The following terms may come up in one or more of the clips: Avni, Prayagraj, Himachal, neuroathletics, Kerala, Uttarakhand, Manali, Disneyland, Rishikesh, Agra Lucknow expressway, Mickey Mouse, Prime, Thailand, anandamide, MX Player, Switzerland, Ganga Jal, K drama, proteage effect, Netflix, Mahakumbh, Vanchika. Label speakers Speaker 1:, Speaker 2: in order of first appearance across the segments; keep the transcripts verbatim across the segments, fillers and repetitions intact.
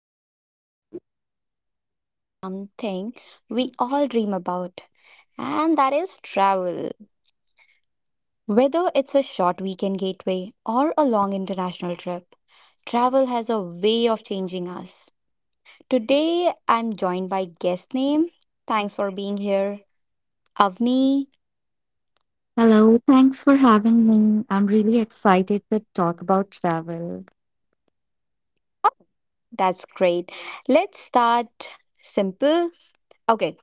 Speaker 1: Susie, and today we are talking about something we all dream about, and that is travel. Whether it's a short weekend gateway or a long international trip, travel has a way of changing us. Today I'm joined by guest name. Thanks for being here, Avni.
Speaker 2: Hello, thanks for having me. I'm really excited to talk about travel.
Speaker 1: That's great. Let's start simple. Okay,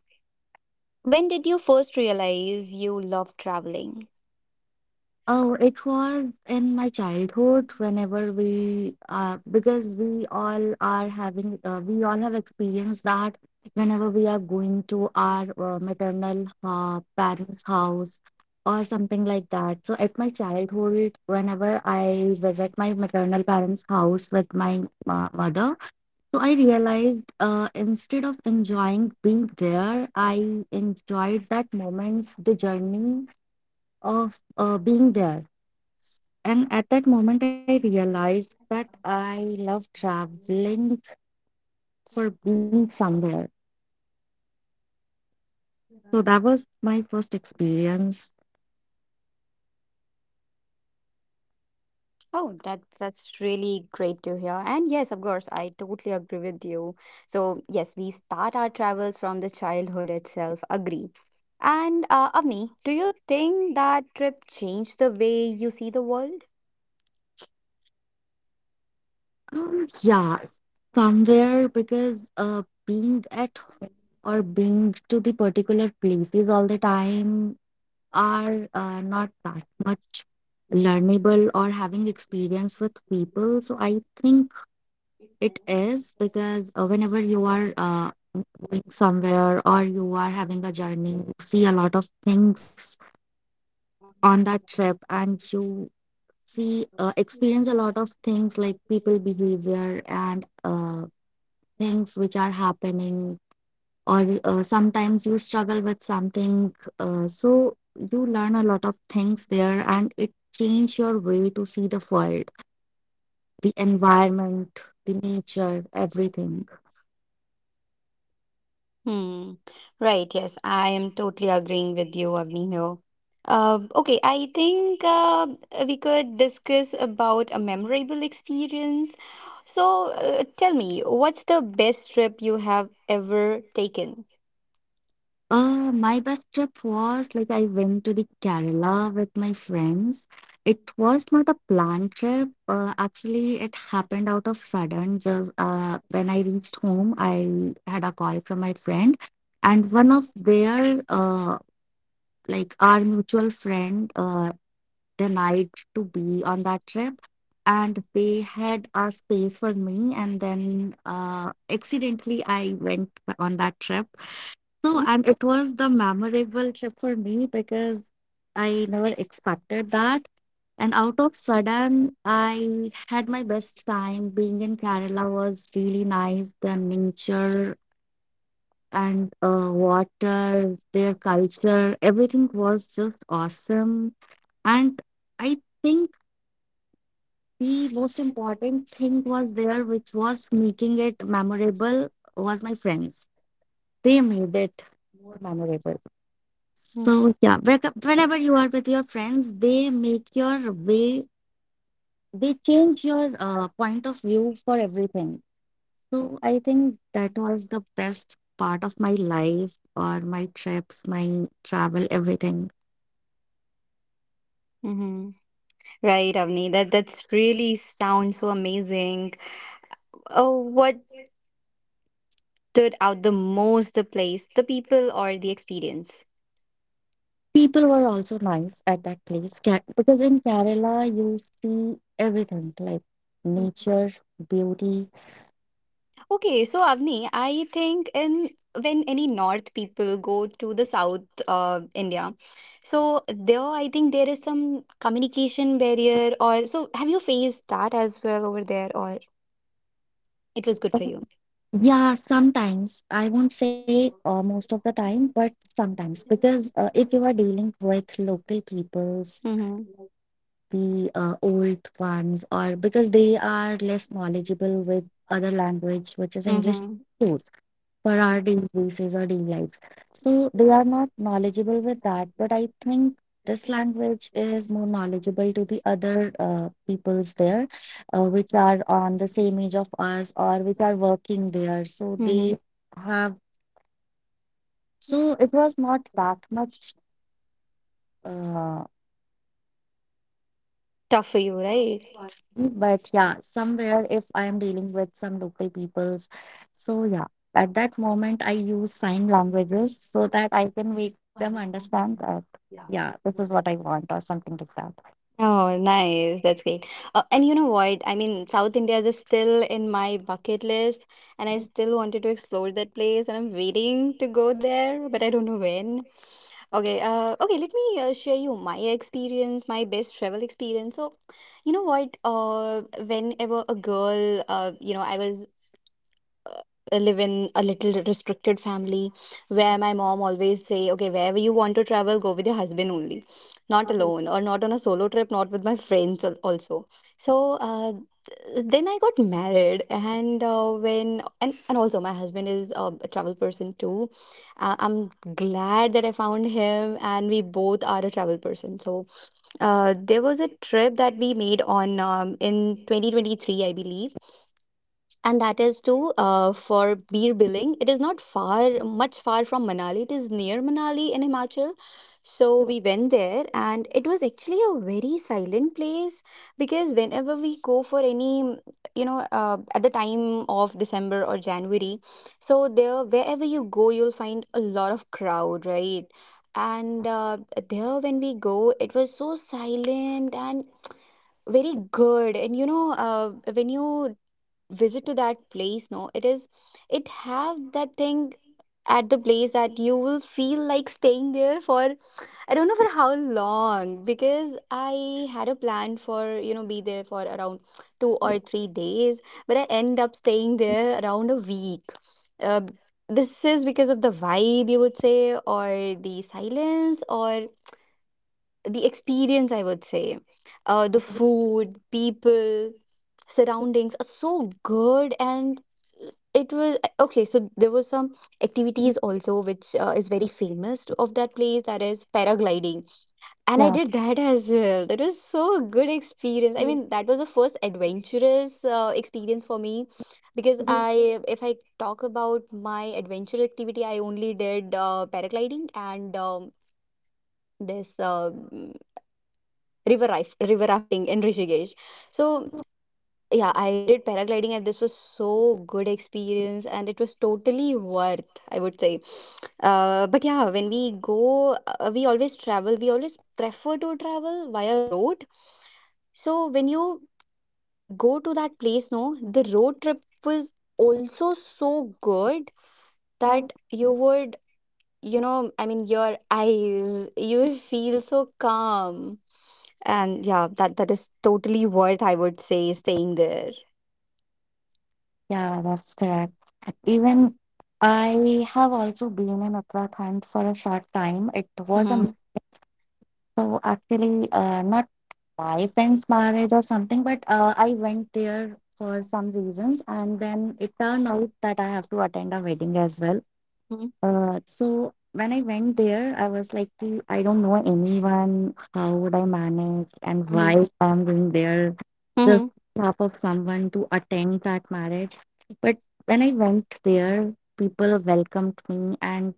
Speaker 1: when did you first realize you love traveling?
Speaker 2: Oh, it was in my childhood whenever we, uh, because we all are having, uh, we all have experienced that whenever we are going to our uh, maternal uh, parents' house or something like that. So at my childhood, whenever I visit my maternal parents' house with my uh, mother, so I realized uh, instead of enjoying being there, I enjoyed that moment, the journey of uh, being there. And at that moment, I realized that I love traveling for being somewhere. So that was my first experience.
Speaker 1: Oh, that's that's really great to hear. And yes, of course, I totally agree with you. So yes, we start our travels from the childhood itself. Agree. And uh, Avni, do you think that trip changed the way you see the world?
Speaker 2: Um, yeah, somewhere, because uh, being at home or being to the particular places all the time are uh, not that much learnable or having experience with people. So I think it is because uh, whenever you are uh, going somewhere or you are having a journey, you see a lot of things on that trip, and you see, uh, experience a lot of things like people behavior and uh, things which are happening or uh, sometimes you struggle with something, uh, so you learn a lot of things there, and it change your way to see the world, the environment, the nature, everything.
Speaker 1: Hmm. Right. Yes, I am totally agreeing with you, Avni, here. Uh, okay, I think uh, we could discuss about a memorable experience. So, uh, tell me, what's the best trip you have ever taken?
Speaker 2: Uh, my best trip was like I went to the Kerala with my friends. It was not a planned trip. Uh, actually, it happened out of sudden. Just uh, when I reached home, I had a call from my friend, and one of their uh, like our mutual friend uh, denied to be on that trip, and they had a space for me, and then uh, accidentally I went on that trip. So and it was the memorable trip for me because I never expected that. And out of sudden, I had my best time being in Kerala. Was really nice, the nature and uh, water, their culture, everything was just awesome. And I think the most important thing was there, which was making it memorable, was my friends. They made it memorable. So, yeah, whe- whenever you are with your friends, they make your way, they change your uh, point of view for everything. So I think that was the best part of my life, or my trips, my travel, everything.
Speaker 1: Mm-hmm. Right, Avni. That that's really sounds so amazing. Oh, what stood out the most, the place, the people, or the experience?
Speaker 2: People were also nice at that place. Ca- because in Kerala you see everything like nature, beauty.
Speaker 1: Okay, so Avni, I think in when any North people go to the South uh, India, so there I think there is some communication barrier or so have you faced that as well over there or it was good for you?
Speaker 2: Yeah, sometimes, I won't say uh, most of the time, but sometimes, because uh, if you are dealing with local peoples,
Speaker 1: Mm-hmm.
Speaker 2: the uh, old ones, or because they are less knowledgeable with other language, which is English,
Speaker 1: Mm-hmm.
Speaker 2: for our daily basis or daily lives. So they are not knowledgeable with that, but I think this language is more knowledgeable to the other uh, peoples there, uh, which are on the same age of us or which are working there. So
Speaker 1: Mm-hmm.
Speaker 2: they have. So it was not that much. Uh,
Speaker 1: Tough for you, right?
Speaker 2: but yeah, somewhere, if I am dealing with some local peoples, so yeah, at that moment I use sign languages, so that I can make them understand that, yeah, this is what I want or something like that.
Speaker 1: Oh, nice. That's great. Uh, and you know what? I mean, South India is still in my bucket list, and I still wanted to explore that place, and I'm waiting to go there, but I don't know when. Okay, uh, okay, let me uh, share you my experience, my best travel experience. So, you know what? Uh, whenever a girl, uh, you know, I was uh, live in a little restricted family where my mom always say okay wherever you want to travel go with your husband only, not alone or not on a solo trip, not with my friends al- also. So uh, th- then I got married and uh, when and, and also my husband is uh, a travel person too. uh, I'm glad that I found him and we both are a travel person. So uh, there was a trip that we made on um, in twenty twenty-three I believe, and that is too uh, for Beer Billing. It is not far much far from Manali. It is near Manali in Himachal. So we went there and it was actually a very silent place, because whenever we go for any mm, you know, uh, at the time of December or January, so there wherever you go you'll find a lot of crowd, right? And uh, there when we go it was so silent and very good. And you know, uh, when you visit to that place, no, it is, it have that thing at the place that you will feel like staying there for, I don't know for how long, because I had a plan for, you know, be there for around two
Speaker 2: Exactly.
Speaker 1: or three days but I end up staying there around a week. uh, this is because of the vibe, you would say, or the silence, or the experience, I would say. Uh, the food, people, surroundings are so good. And it was okay. So there were some activities also which uh, is very famous of that place, that is paragliding.
Speaker 2: Yeah.
Speaker 1: And I did that as well. That was so good experience. I mean, that was the first adventurous uh, experience for me.
Speaker 2: Yeah.
Speaker 1: Because I, if I talk about my adventure activity, I only did uh, paragliding and um, this uh, river raf- river rafting in Rishikesh. So yeah, I did paragliding and this was so good experience and it was totally worth, I would say. Uh, but yeah, when we go, uh, we always travel. We always prefer to travel via road. So when you go to that place, no, the road trip was also so good that you would, you know, I mean, your eyes, you will feel so calm. And yeah, that that is totally worth, I would say, staying there.
Speaker 2: Yeah, that's correct. Even I have also been in Uttarakhand for a short time. It was a m-
Speaker 1: Mm-hmm.
Speaker 2: so actually, uh, not my friend's marriage or something, but uh, I went there for some reasons, and then it turned out that I have to attend a wedding as well.
Speaker 1: Mm-hmm.
Speaker 2: Uh, so when I went there, I was like, "Ki, I don't know anyone. How would I manage, and why I'm going there
Speaker 1: Mm-hmm.
Speaker 2: just half of someone to attend that marriage. But when I went there, people welcomed me. And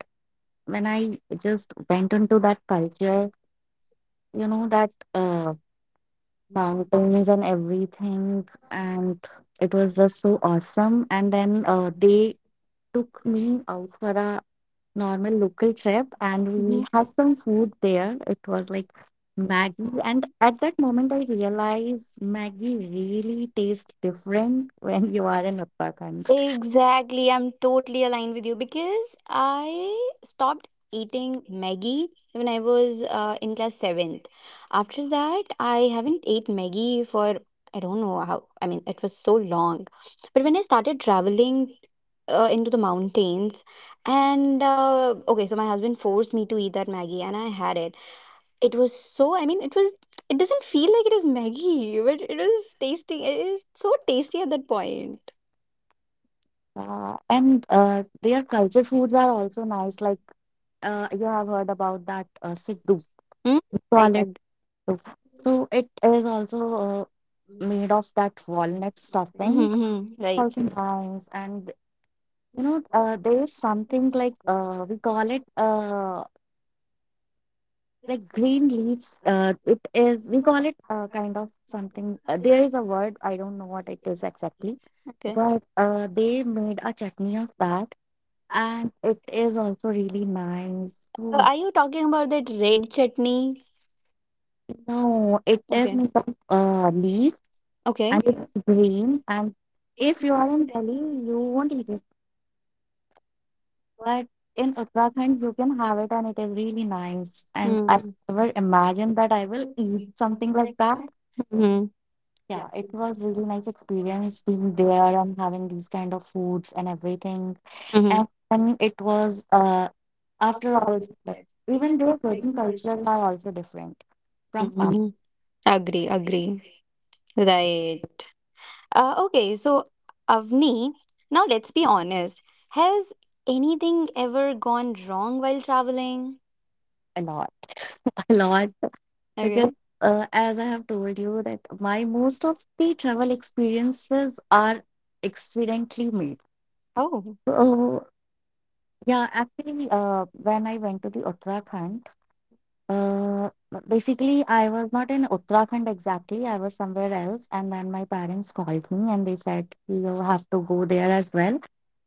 Speaker 2: when I just went into that culture, you know, that uh, mountains and everything, and it was just so awesome. And then uh, they took me out for a normal local trip, and we
Speaker 1: Mm-hmm.
Speaker 2: had some food there. It was like Maggie. And at that moment, I realized Maggie really tastes different when you are in Uttarakhand.
Speaker 1: Exactly. I'm totally aligned with you because I stopped eating Maggie when I was uh, in class seventh. After that, I haven't ate Maggie for, I don't know how. I mean, it was so long. But when I started traveling uh, into the mountains, and uh, okay, so my husband forced me to eat that Maggie, and I had it. It was so, I mean, it was, it doesn't feel like it is Maggie, but it was tasty. It is so tasty at that point.
Speaker 2: Uh, and uh, Their culture foods are also nice. Like uh, you have heard about that uh, Siddu,
Speaker 1: Hmm?
Speaker 2: call
Speaker 1: Right.
Speaker 2: it.
Speaker 1: At
Speaker 2: So it is also uh, made of that walnut stuffing.
Speaker 1: Mm-hmm, right.
Speaker 2: Also nice. And you know, uh, there is something like uh, we call it. Uh, like green leaves, uh it is we call it, uh, kind of something. Uh, there is a word, I don't know what it is exactly,
Speaker 1: Okay. So
Speaker 2: but uh they made a chutney of that, and it is also really nice. So
Speaker 1: are you talking about that red chutney?
Speaker 2: no, it is
Speaker 1: Okay.
Speaker 2: made of uh leaves,
Speaker 1: Okay.
Speaker 2: and it's green. And if you are in Delhi, you won't eat it, but in Uttarakhand you can have it, and it is really nice. And I
Speaker 1: Mm-hmm.
Speaker 2: never imagined that I will eat something like that.
Speaker 1: Mm-hmm.
Speaker 2: Yeah, it was really nice experience being there and having these kind of foods and everything. And then it was uh after all, even their Persian cultures are also different from us.
Speaker 1: Mm-hmm. Agree, agree. Right. Uh, okay, so Avni, now let's be honest. Has anything ever gone wrong while traveling?
Speaker 2: A lot, a lot, because
Speaker 1: Okay.
Speaker 2: uh, as I have told you that my most of the travel experiences are accidentally made.
Speaker 1: Oh.
Speaker 2: So yeah, actually, uh, when I went to the Uttarakhand. Uh, Basically, I was not in Uttarakhand exactly. I was somewhere else, and then my parents called me and they said, you have to go there as well.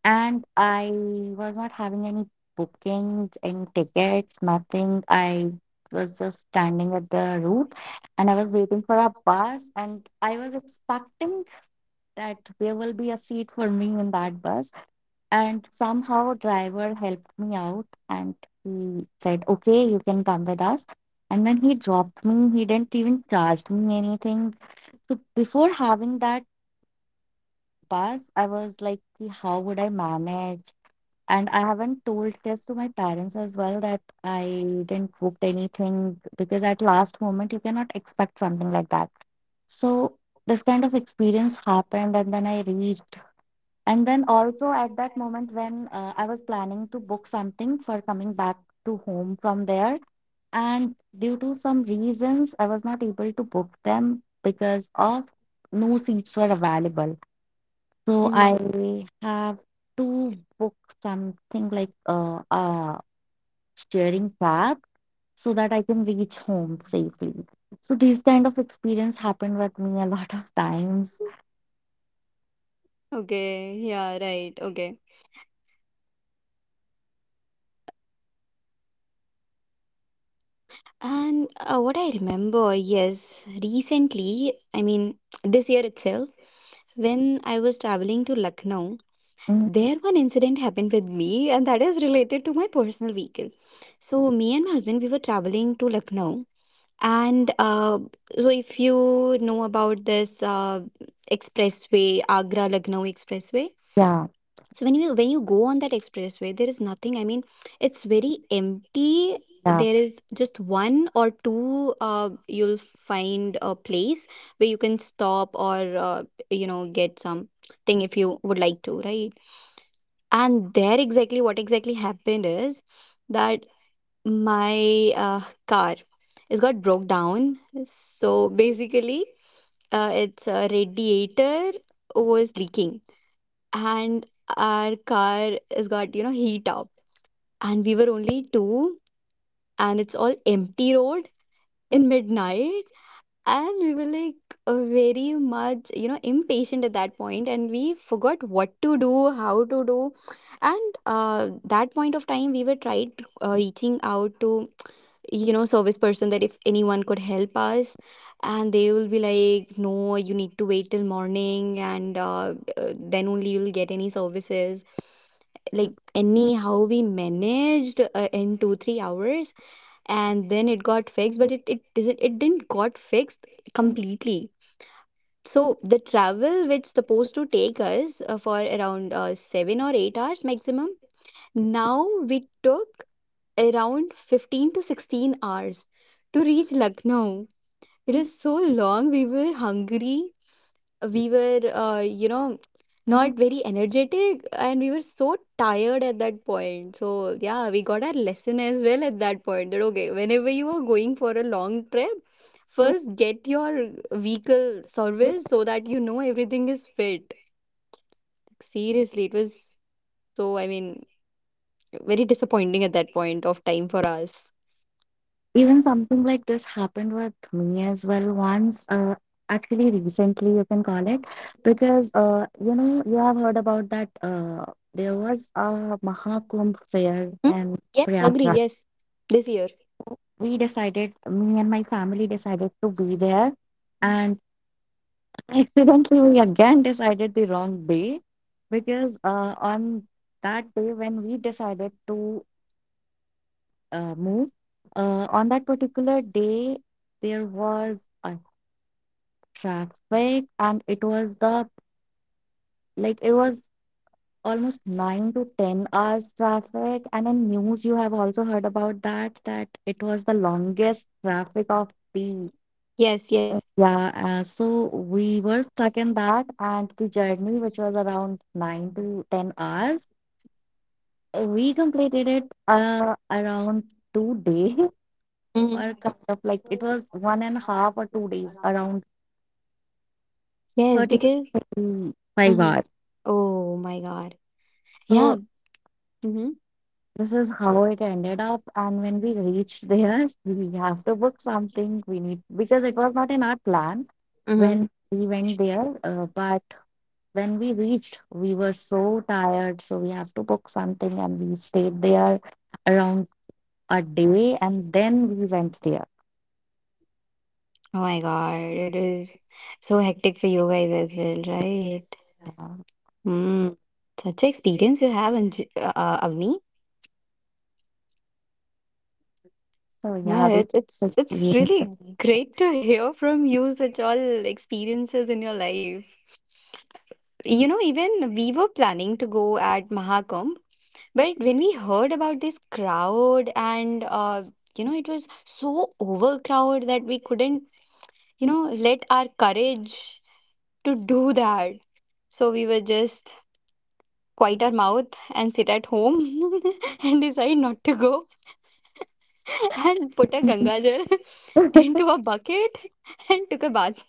Speaker 2: And I was not having any booking, any tickets, nothing. I was just standing at the route, and I was waiting for a bus, and I was expecting that there will be a seat for me in that bus. And somehow driver helped me out, and he said, "Okay, you can come with us." And then he dropped me. He didn't even charge me anything. So before having that bus, I was like, "Ki, how would I manage? And I haven't told this to my parents as well that I didn't book anything, because at last moment you cannot expect something like that. So this kind of experience happened, and then I reached, and then also at that moment when uh, I was planning to book something for coming back to home from there, and due to some reasons, I was not able to book them, because of no seats were available. So
Speaker 1: Mhm.
Speaker 2: I have to book something like a uh, uh, sharing cab, so that I can reach home safely. So these kind of experience happened with me a lot of times.
Speaker 1: Okay. Yeah, right. Okay. And uh, what I remember, yes, recently, I mean, this year itself, when I was traveling to Lucknow,
Speaker 2: Mm,
Speaker 1: there one incident happened with me, and that is related to my personal vehicle. So, me and my husband, we were traveling to Lucknow, and uh, so if you know about this uh, expressway, Agra Lucknow expressway,
Speaker 2: Yeah,
Speaker 1: so when you when you go on that expressway there is nothing. I mean, it's very empty.
Speaker 2: yeah.
Speaker 1: There is just one or two, uh, you'll find a place where you can stop or uh, you know, get something if you would like to, right? And there exactly what exactly happened is that my uh, car is got broke down. So basically uh, its uh, radiator was leaking, and our car has got, you know, heat up. And we were only two, and it's all empty road in midnight, and we were like uh, very much, you know, impatient at that point, and we forgot what to do, how to do. And uh, that point of time we were tried uh, reaching out to, you know, service person that if anyone could help us, and they will be like, no, you need to wait till morning, and uh, uh, then only you'll get any services. Like anyhow we managed uh, in two three hours, and then it got fixed. But it it doesn't, it didn't got fixed completely. So the travel which supposed to take us uh, for around uh, seven or eight hours maximum, now we took around fifteen to sixteen hours to reach Lucknow. It is so long. We were hungry, we were, uh, you know, not very energetic, and we were so tired at that point. So yeah, we got our lesson as well at that point, that okay, whenever you are going for a long trip, first get your vehicle serviced so that you know everything is fit. Seriously, it was so, I mean, very disappointing at that point of time for us.
Speaker 2: Even something like this happened with me as well once, uh, actually recently you can call it, because uh, you know, you have heard about that uh, there was a Mahakumbh fair
Speaker 1: Hmm?
Speaker 2: in
Speaker 1: Yes, agree,
Speaker 2: Prayagraj.
Speaker 1: yes. This year.
Speaker 2: We decided, me and my family decided to be there, and accidentally we again decided the wrong day, because uh, on that day when we decided to uh, move, uh, on that particular day there was a traffic, and it was the, like it was almost nine to ten hours traffic, and in news you have also heard about that, that it was the longest traffic of the,
Speaker 1: Yes, yes.
Speaker 2: yeah, uh, so we were stuck in that, and the journey which was around nine to ten hours, uh, we completed it uh, around two days or,
Speaker 1: Mhm.
Speaker 2: kind of like it was one and a half or two days around
Speaker 1: Yes, because
Speaker 2: thirty-five
Speaker 1: Mhm.
Speaker 2: hours.
Speaker 1: Oh my god. Yeah.
Speaker 2: So
Speaker 1: Mhm.
Speaker 2: this is how it ended up. And when we reached there, we have to book something. We need, because it was not in our plan
Speaker 1: Mhm.
Speaker 2: when we went there. Uh, but when we reached, we were so tired, so we have to book something. And we stayed there around a day, and then we went there.
Speaker 1: Oh my god, it is so hectic for you guys as well, right?
Speaker 2: Uh,
Speaker 1: Mm. Such a experience you have, Anj- uh, uh, Avni.
Speaker 2: So yeah,
Speaker 1: Yeah,
Speaker 2: this
Speaker 1: it's it's it's
Speaker 2: experience.
Speaker 1: really great to hear from you such all experiences in your life. You know, even we were planning to go at Mahakumbh, but when we heard about this crowd and uh, you know, it was so overcrowded that we couldn't, you know, let our courage to do that. So we were just quiet our mouth and sit at home and decide not to go and put a Ganga Jal into a bucket and took a bath.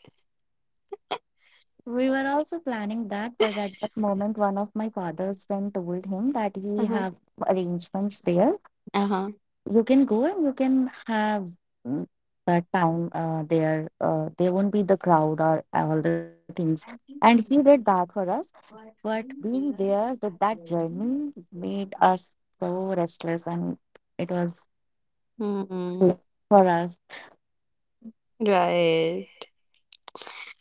Speaker 2: We were also planning that, but at that moment, one of my father's friend told him that he
Speaker 1: Uh-huh.
Speaker 2: have arrangements there.
Speaker 1: Uh-huh.
Speaker 2: You can go and you can have, mm, that time uh, there. Uh, there won't be the crowd or all the things. And he did that for us. But being there, that that journey made us so restless, and it was good
Speaker 1: Hmm.
Speaker 2: for us.
Speaker 1: Right.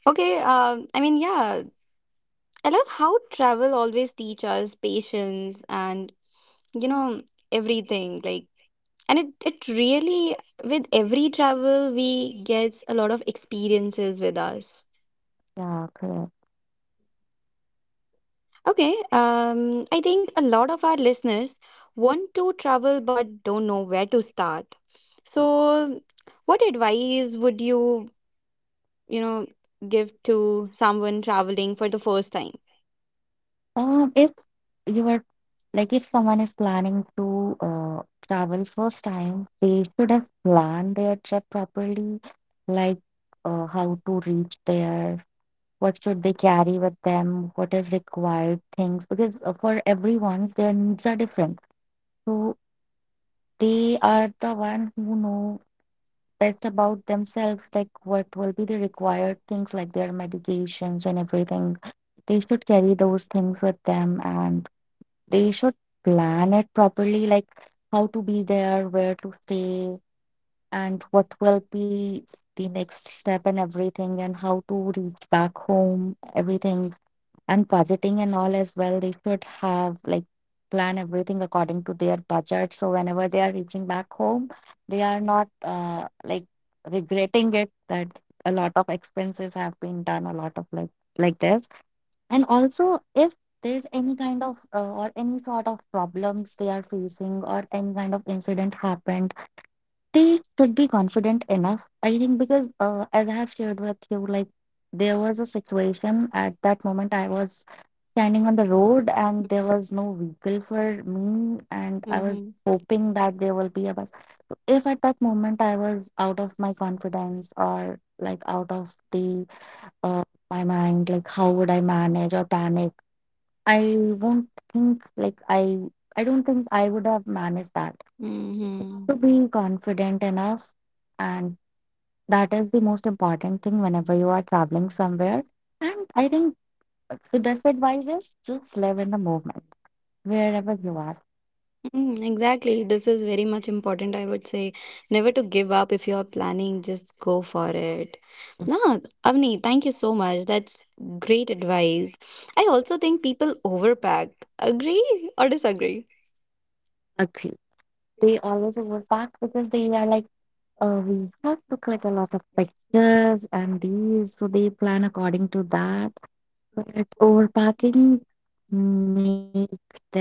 Speaker 1: Okay, um, I mean, yeah, I love how travel always teach us patience and, you know, everything. Like, and it, it really, with every travel, we get a lot of experiences with us.
Speaker 2: Yeah, correct.
Speaker 1: Okay, um, I think a lot of our listeners want to travel but don't know where to start. So, what advice would you, you know, give to someone traveling for the first time?
Speaker 2: Um, if you were, like, if someone is planning to uh, travel first time, they should have planned their trip properly, like uh, how to reach there, what should they carry with them, what is required things. Because uh, for everyone, their needs are different. So they are the one who know best about themselves, like what will be the required things, like their medications and everything. They should carry those things with them, and they should plan it properly, like how to be there, where to stay, and what will be the next step and everything, and how to reach back home, everything, and budgeting and all as well they should have, like, plan everything according to their budget, so whenever they are reaching back home they are not uh, like regretting it that a lot of expenses have been done, a lot of like like this. And also if there's any kind of uh, or any sort of problems they are facing or any kind of incident happened, they should be confident enough, I think, because uh, as I have shared with you, like, there was a situation. At that moment I was standing on the road and there was no vehicle for me, and I was
Speaker 1: Mm-hmm.
Speaker 2: hoping that there will be a bus. If at that moment I was out of my confidence or like out of the uh, my mind, like how would I manage or panic, I won't think, like, i i don't think I would have managed that
Speaker 1: Mm-hmm.
Speaker 2: to be confident enough. And that is the most important thing whenever you are traveling somewhere. And I think the best advice is just live in the moment wherever you are.
Speaker 1: Mm, exactly. This is very much important. I would say never to give up if you're planning, just go for it. No, Avni, thank you so much. That's great advice. I also think people overpack. Agree or disagree?
Speaker 2: Agree. They always work back because they are like, uh, we have to click a lot of pictures and these, so they plan according to that. But overpacking make them,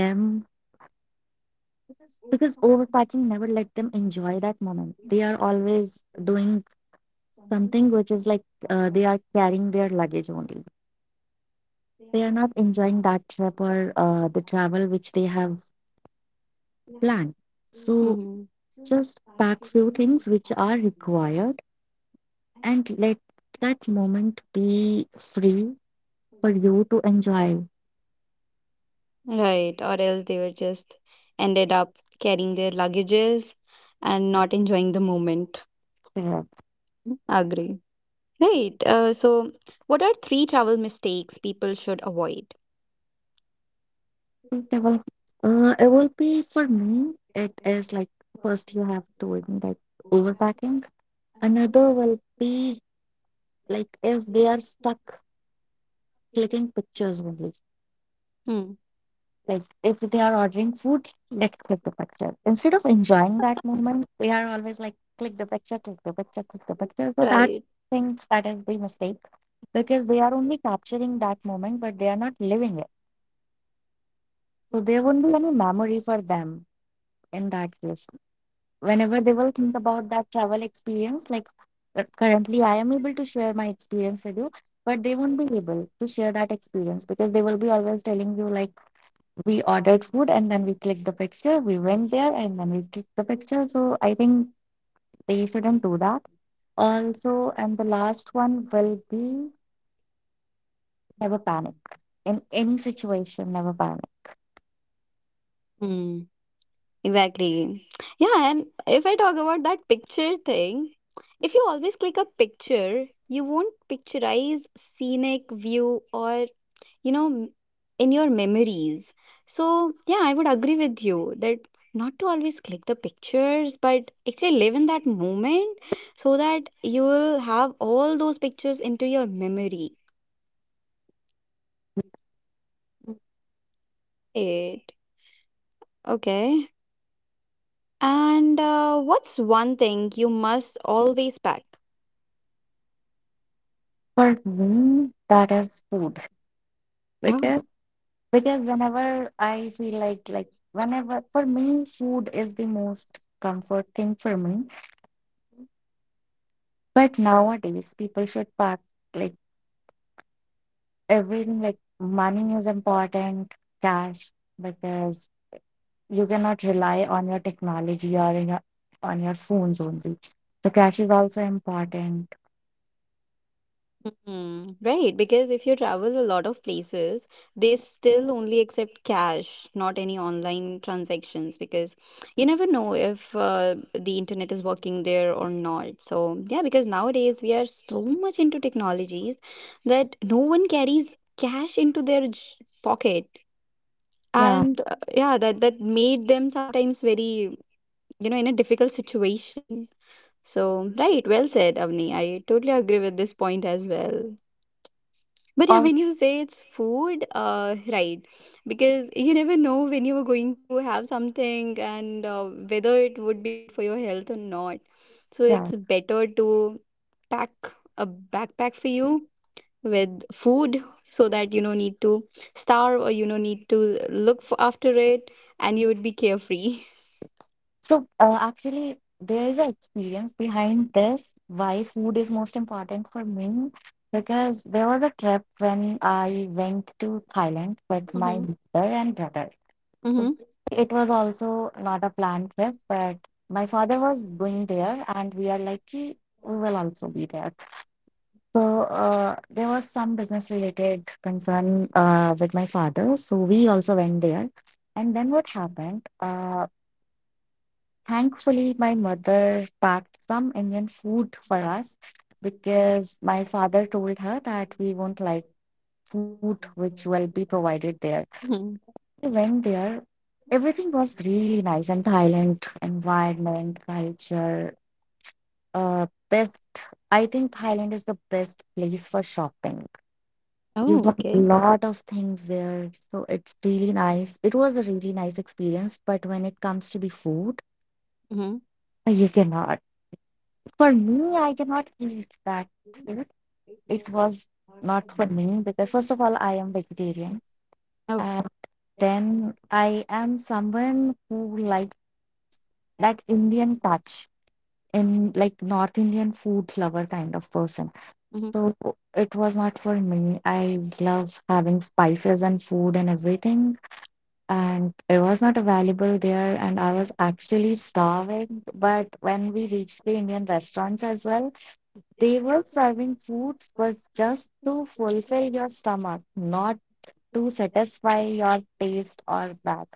Speaker 2: because overpacking never let them enjoy that moment. They are always doing something which is like uh, they are carrying their luggage only. They are not enjoying that trip or uh, the travel which they have planned. So
Speaker 1: Hmm.
Speaker 2: just pack few things which are required and let that moment be free for you to enjoy.
Speaker 1: Right. Or else they were just ended up carrying their luggages and not enjoying the moment.
Speaker 2: Yeah.
Speaker 1: Agree. Right. Uh, so, what are three travel mistakes people should avoid?
Speaker 2: It will, uh, it will be for me. It is like, first you have to, in like, overpacking. Another will be like if they are stuck clicking pictures only.
Speaker 1: Hmm.
Speaker 2: Like if they are ordering food, let's click the picture. Instead of enjoying that moment, they are always like click the picture, click the picture, click the picture. So that
Speaker 1: Right.
Speaker 2: thing, that is the mistake, because they are only capturing that moment, but they are not living it. So there won't be any memory for them in that case. Whenever they will think about that travel experience, like uh, currently I am able to share my experience with you, but they won't be able to share that experience because they will be always telling you, like, we ordered food and then we clicked the picture, we went there and then we clicked the picture. So I think they shouldn't do that. Also, and the last one will be never panic in any situation, never panic.
Speaker 1: Exactly. Yeah, and if I talk about that picture thing, if you always click a picture, you won't picturize scenic view or, you know, m- in your memories. So, yeah, I would agree with you that not to always click the pictures, but actually live in that moment so that you will have all those pictures into your memory. It. Okay. And uh, what's one thing you must always pack?
Speaker 2: For me, that is food
Speaker 1: Oh,
Speaker 2: because because whenever I feel like like whenever, for me food is the most comfort thing for me. But nowadays people should pack, like everything, like money is important, cash, because you cannot rely on your technology or in your, on your phones only. So cash is also important.
Speaker 1: Hmm. Right, because if you travel a lot of places, they still only accept cash, not any online transactions, because you never know if uh, the internet is working there or not. So, yeah, because nowadays we are so much into technologies that no one carries cash into their j- pocket.
Speaker 2: Yeah.
Speaker 1: And uh, yeah, that that made them sometimes very, you know, in a difficult situation. So, right, well said, Avni. I totally agree with this point as well. But yeah,
Speaker 2: All
Speaker 1: when you say it's food, uh, right, because you never know when you are going to have something and uh, whether it would be good for your health or not. So
Speaker 2: yeah.
Speaker 1: it's better to pack a backpack for you with food so that you don't need to starve or you don't need to look for after it and you would be carefree.
Speaker 2: So uh, actually, there is an experience behind this why food is most important for me, because there was a trip when I went to Thailand with my
Speaker 1: Mm-hmm.
Speaker 2: mother and brother. So it was also not a planned trip, but my father was going there, and we are like, "Ki, we will also be there." So uh, there was some business related concern uh, with my father, so we also went there. And then what happened? Uh, thankfully, my mother packed some Indian food for us, because my father told her that we won't like food which will be provided there. We went there. Everything was really nice, and Thailand environment, culture, uh, best. I think Thailand is the best place for shopping. You want a lot of things there, so it's really nice. It was a really nice experience, but when it comes to the food, uh, you cannot. For me, I cannot eat that food. It was not for me because, first of all, I am vegetarian, and then I am someone who likes that Indian touch, in like North Indian food lover kind of person. So it was not for me. I love having spices and food and everything, and it was not available there. And I was actually starving. But when we reached the Indian restaurants as well, they were serving food was just to fulfill your stomach, not to satisfy your taste or that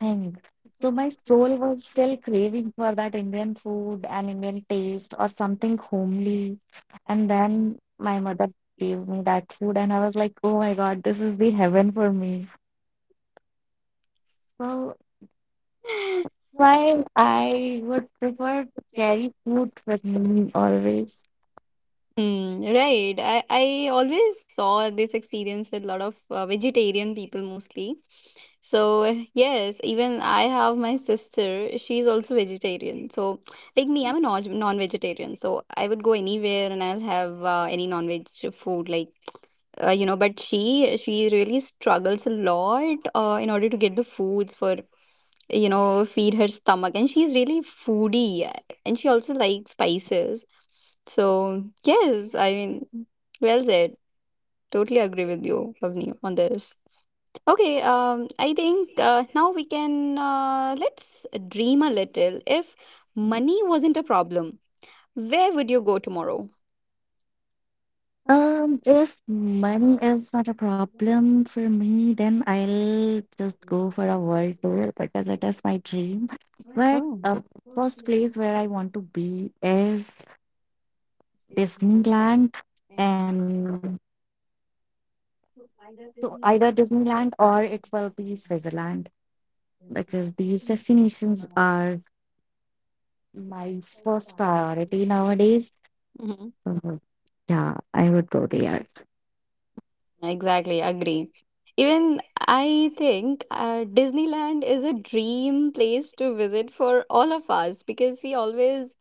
Speaker 2: thing. So my soul was still craving for that Indian food and Indian taste or something homely. And then my mother gave me that food, and I was like, oh my God, this is the heaven for me. So why I would prefer to carry food with me always.
Speaker 1: Hmm, right. I, I always saw this experience with a lot of uh, vegetarian people mostly. So, yes, even I have my sister, she's also vegetarian. So, like me, I'm a non- non-vegetarian. So, I would go anywhere and I'll have uh, any non-veg food like uh, you know, but she she really struggles a lot uh, in order to get the foods for you know, feed her stomach. And she's really foodie and she also likes spices. So, yes, I mean, well said. Totally agree with you, Avni, on this. Okay, um, I think uh, now we can uh, let's dream a little. If money wasn't a problem, where would you go tomorrow?
Speaker 2: Um, if money is not a problem for me, then I'll just go for a world tour because it is my dream. But
Speaker 1: Oh.
Speaker 2: uh, first place where I want to be is Disneyland, and so either Disneyland or it will be Switzerland, because these destinations are my first priority nowadays. Yeah, I would go there.
Speaker 1: Exactly, agree. Even I think uh, Disneyland is a dream place to visit for all of us because we always,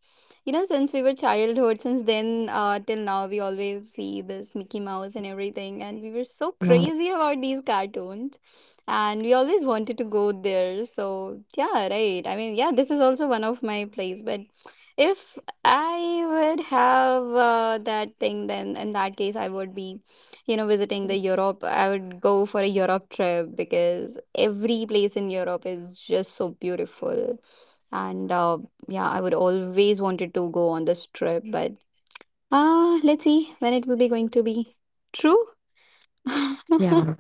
Speaker 1: you know, since we were childhood, since then uh, till now, we always see this Mickey Mouse and everything, and we were so
Speaker 2: Yeah.
Speaker 1: crazy about these cartoons, and we always wanted to go there. So yeah, right. I mean, yeah, this is also one of my place, but if I would have uh, that thing, then in that case, I would be, you know, visiting the Europe. I would go for a Europe trip because every place in Europe is just so beautiful and uh, yeah, I would always wanted to go on this trip, but ah, let's see when it will be going to be true.
Speaker 2: Yeah,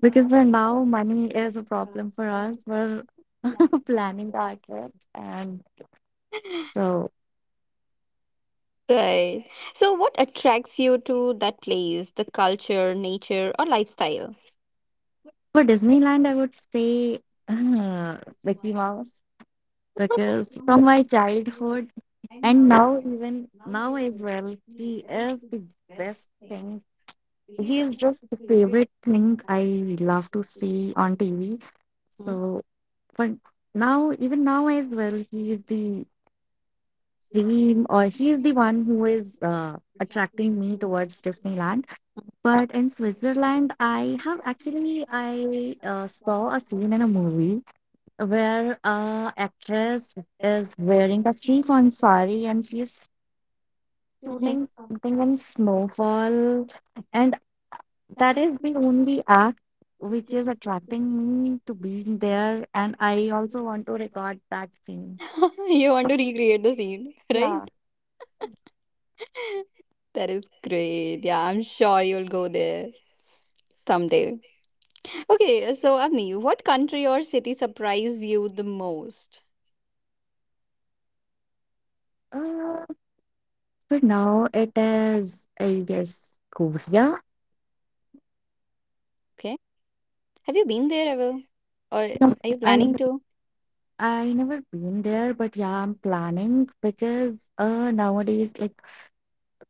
Speaker 2: because for now, money is a problem for us. We're planning our trips. And so
Speaker 1: Right, so what attracts you to that place, the culture, nature, or lifestyle?
Speaker 2: for Disneyland, I would say uh, Mickey Mouse, because from my childhood and now even now as well he is the best thing, he is just the favorite thing I love to see on TV. So
Speaker 1: Mhm.
Speaker 2: for now, even now as well, he is the dream, or he is the one who is uh, attracting me towards Disneyland. But in Switzerland, I have actually, I uh, saw a scene in a movie where a actress is wearing a sequin sari and she's
Speaker 1: Mhm.
Speaker 2: shooting something in snowfall, and that is the only act which is attracting me to being there, and I also want to record that scene.
Speaker 1: You want to recreate the scene.
Speaker 2: Yeah.
Speaker 1: Right. That is great. Yeah, I'm sure you'll go there someday. Okay, so Avni, what country or city surprised you the most?
Speaker 2: uh, but now it is, I guess, Korea.
Speaker 1: Okay. Have you been there ever? Or
Speaker 2: No,
Speaker 1: are you planning
Speaker 2: i
Speaker 1: to?
Speaker 2: i never been there, but yeah, I'm planning, because uh, nowadays like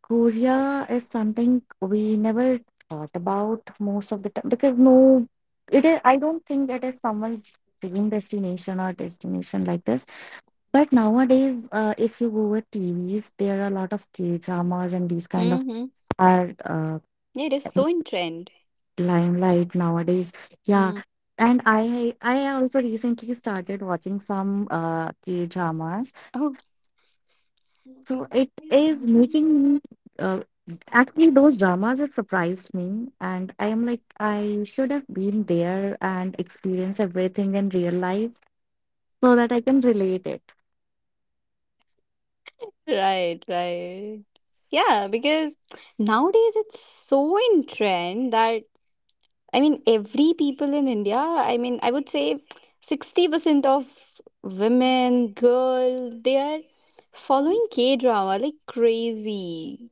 Speaker 2: Korea is something we never thought about most of the time, because no, it is, I don't think it is someone's dream destination or destination like this. But nowadays, uh, if you go with T Vs, there are a lot of K dramas and these kind of
Speaker 1: Mm-hmm.
Speaker 2: are uh,
Speaker 1: Yeah, it is so in trend.
Speaker 2: limelight nowadays. Yeah,
Speaker 1: Mm.
Speaker 2: and I I also recently started watching some uh, K dramas,
Speaker 1: Oh,
Speaker 2: so it is making me. Uh, Actually, those dramas have surprised me, and I am like, I should have been there and experienced everything in real life, so that I can relate it.
Speaker 1: right, right. Yeah, because nowadays it's so in trend that I mean, every people in India, I mean, I would say sixty percent of women, girl, they are following K drama like crazy.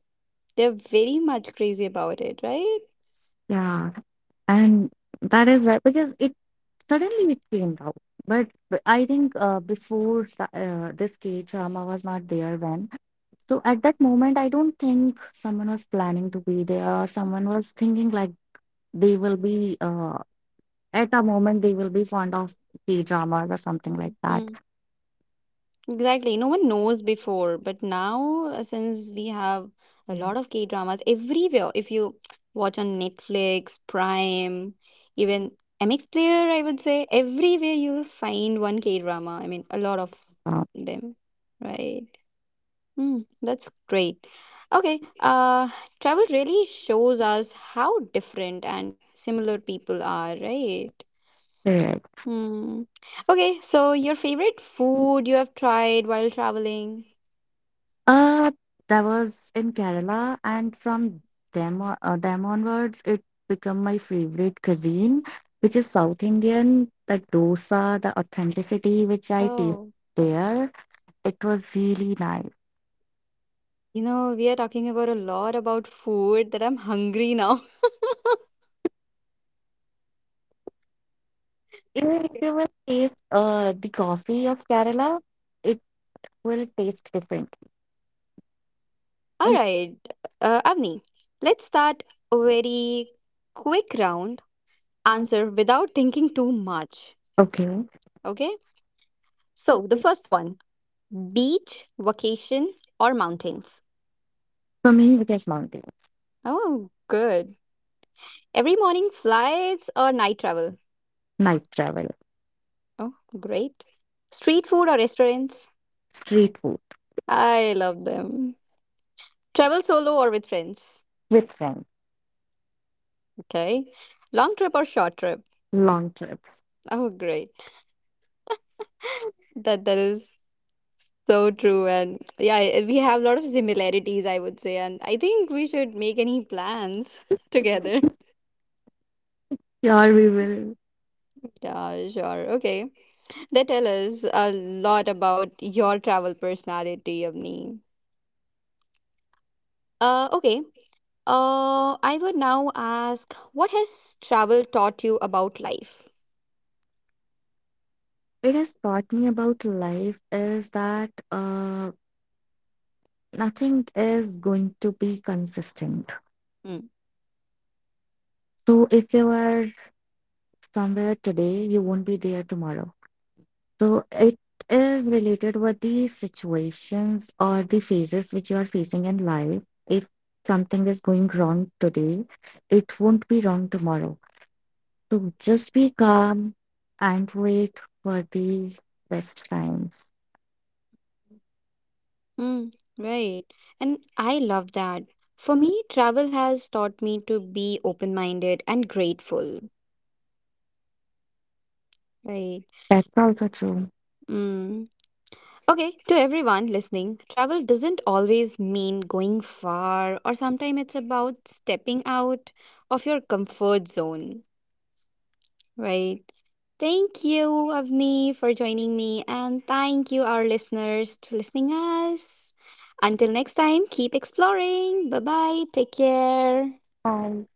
Speaker 1: They're very much crazy about it, right?
Speaker 2: Yeah, and that is right, because it suddenly it came out. But b- I think uh, before tha- uh, this K drama was not there when. So at that moment, I don't think someone was planning to be there or someone was thinking like they will be uh, at a moment they will be fond of the dramas or something like that.
Speaker 1: Exactly. No one knows before, but now uh, since we have a lot of K dramas everywhere, if you watch on Netflix, Prime, even M X Player, I would say everywhere you'll find one K drama. I mean, a lot of
Speaker 2: Uh,
Speaker 1: them, right? Mm, that's great. Okay, uh, travel really shows us how different and similar people are, right?
Speaker 2: correct.
Speaker 1: Mm. Okay, so your favorite food you have tried while traveling?
Speaker 2: Uh, that was in Kerala, and from them o- uh, them onwards, it become my favorite cuisine, which is South Indian. The dosa, the authenticity which I taste
Speaker 1: Oh,
Speaker 2: there, it was really nice.
Speaker 1: you know, we are talking about a lot about food that I'm hungry now.
Speaker 2: Even if you will taste uh, the coffee of Kerala, it will taste different.
Speaker 1: All
Speaker 2: And
Speaker 1: right, uh, Avni, let's start a very quick round
Speaker 2: um,
Speaker 1: answer without thinking too much.
Speaker 2: okay,
Speaker 1: Okay?
Speaker 2: for
Speaker 1: So, the first one, beach, vacation, or mountains?
Speaker 2: me, it is mountain.
Speaker 1: Oh, good. Every morning flights or night travel?
Speaker 2: Night travel,
Speaker 1: Oh, great. Street food or restaurants?
Speaker 2: street food,
Speaker 1: I love them. Travel solo or with friends?
Speaker 2: with friends,
Speaker 1: Okay. Long trip or short trip?
Speaker 2: long trips.
Speaker 1: Oh, great. That that is so true. And yeah, I- we have a lot of similarities, I would say. And I think we should make any plans together.
Speaker 2: Yeah, we will.
Speaker 1: Yeah, sure. Okay. That tell us a lot about your travel personality, Avni. Uh, okay. Uh, I would now ask, what has travel taught you about life?
Speaker 2: It has taught me about life is that uh, nothing is going to be consistent.
Speaker 1: Hmm.
Speaker 2: So if you are somewhere today, you won't be there tomorrow. So it is related with the situations or the phases which you are facing in life. If something is going wrong today, it won't be wrong tomorrow. So just be calm and wait for the best times.
Speaker 1: Mm, right. And I love that. For me, travel has taught me to be open-minded and grateful. Right.
Speaker 2: That's also true.
Speaker 1: Mm. Okay, to everyone listening, travel doesn't always mean going far, or sometimes it's about stepping out of your comfort zone. Right. Thank you, Avni, for joining me, and thank you, our listeners, to listening us. Until next time, keep exploring. Bye bye. Take care.
Speaker 2: Bye.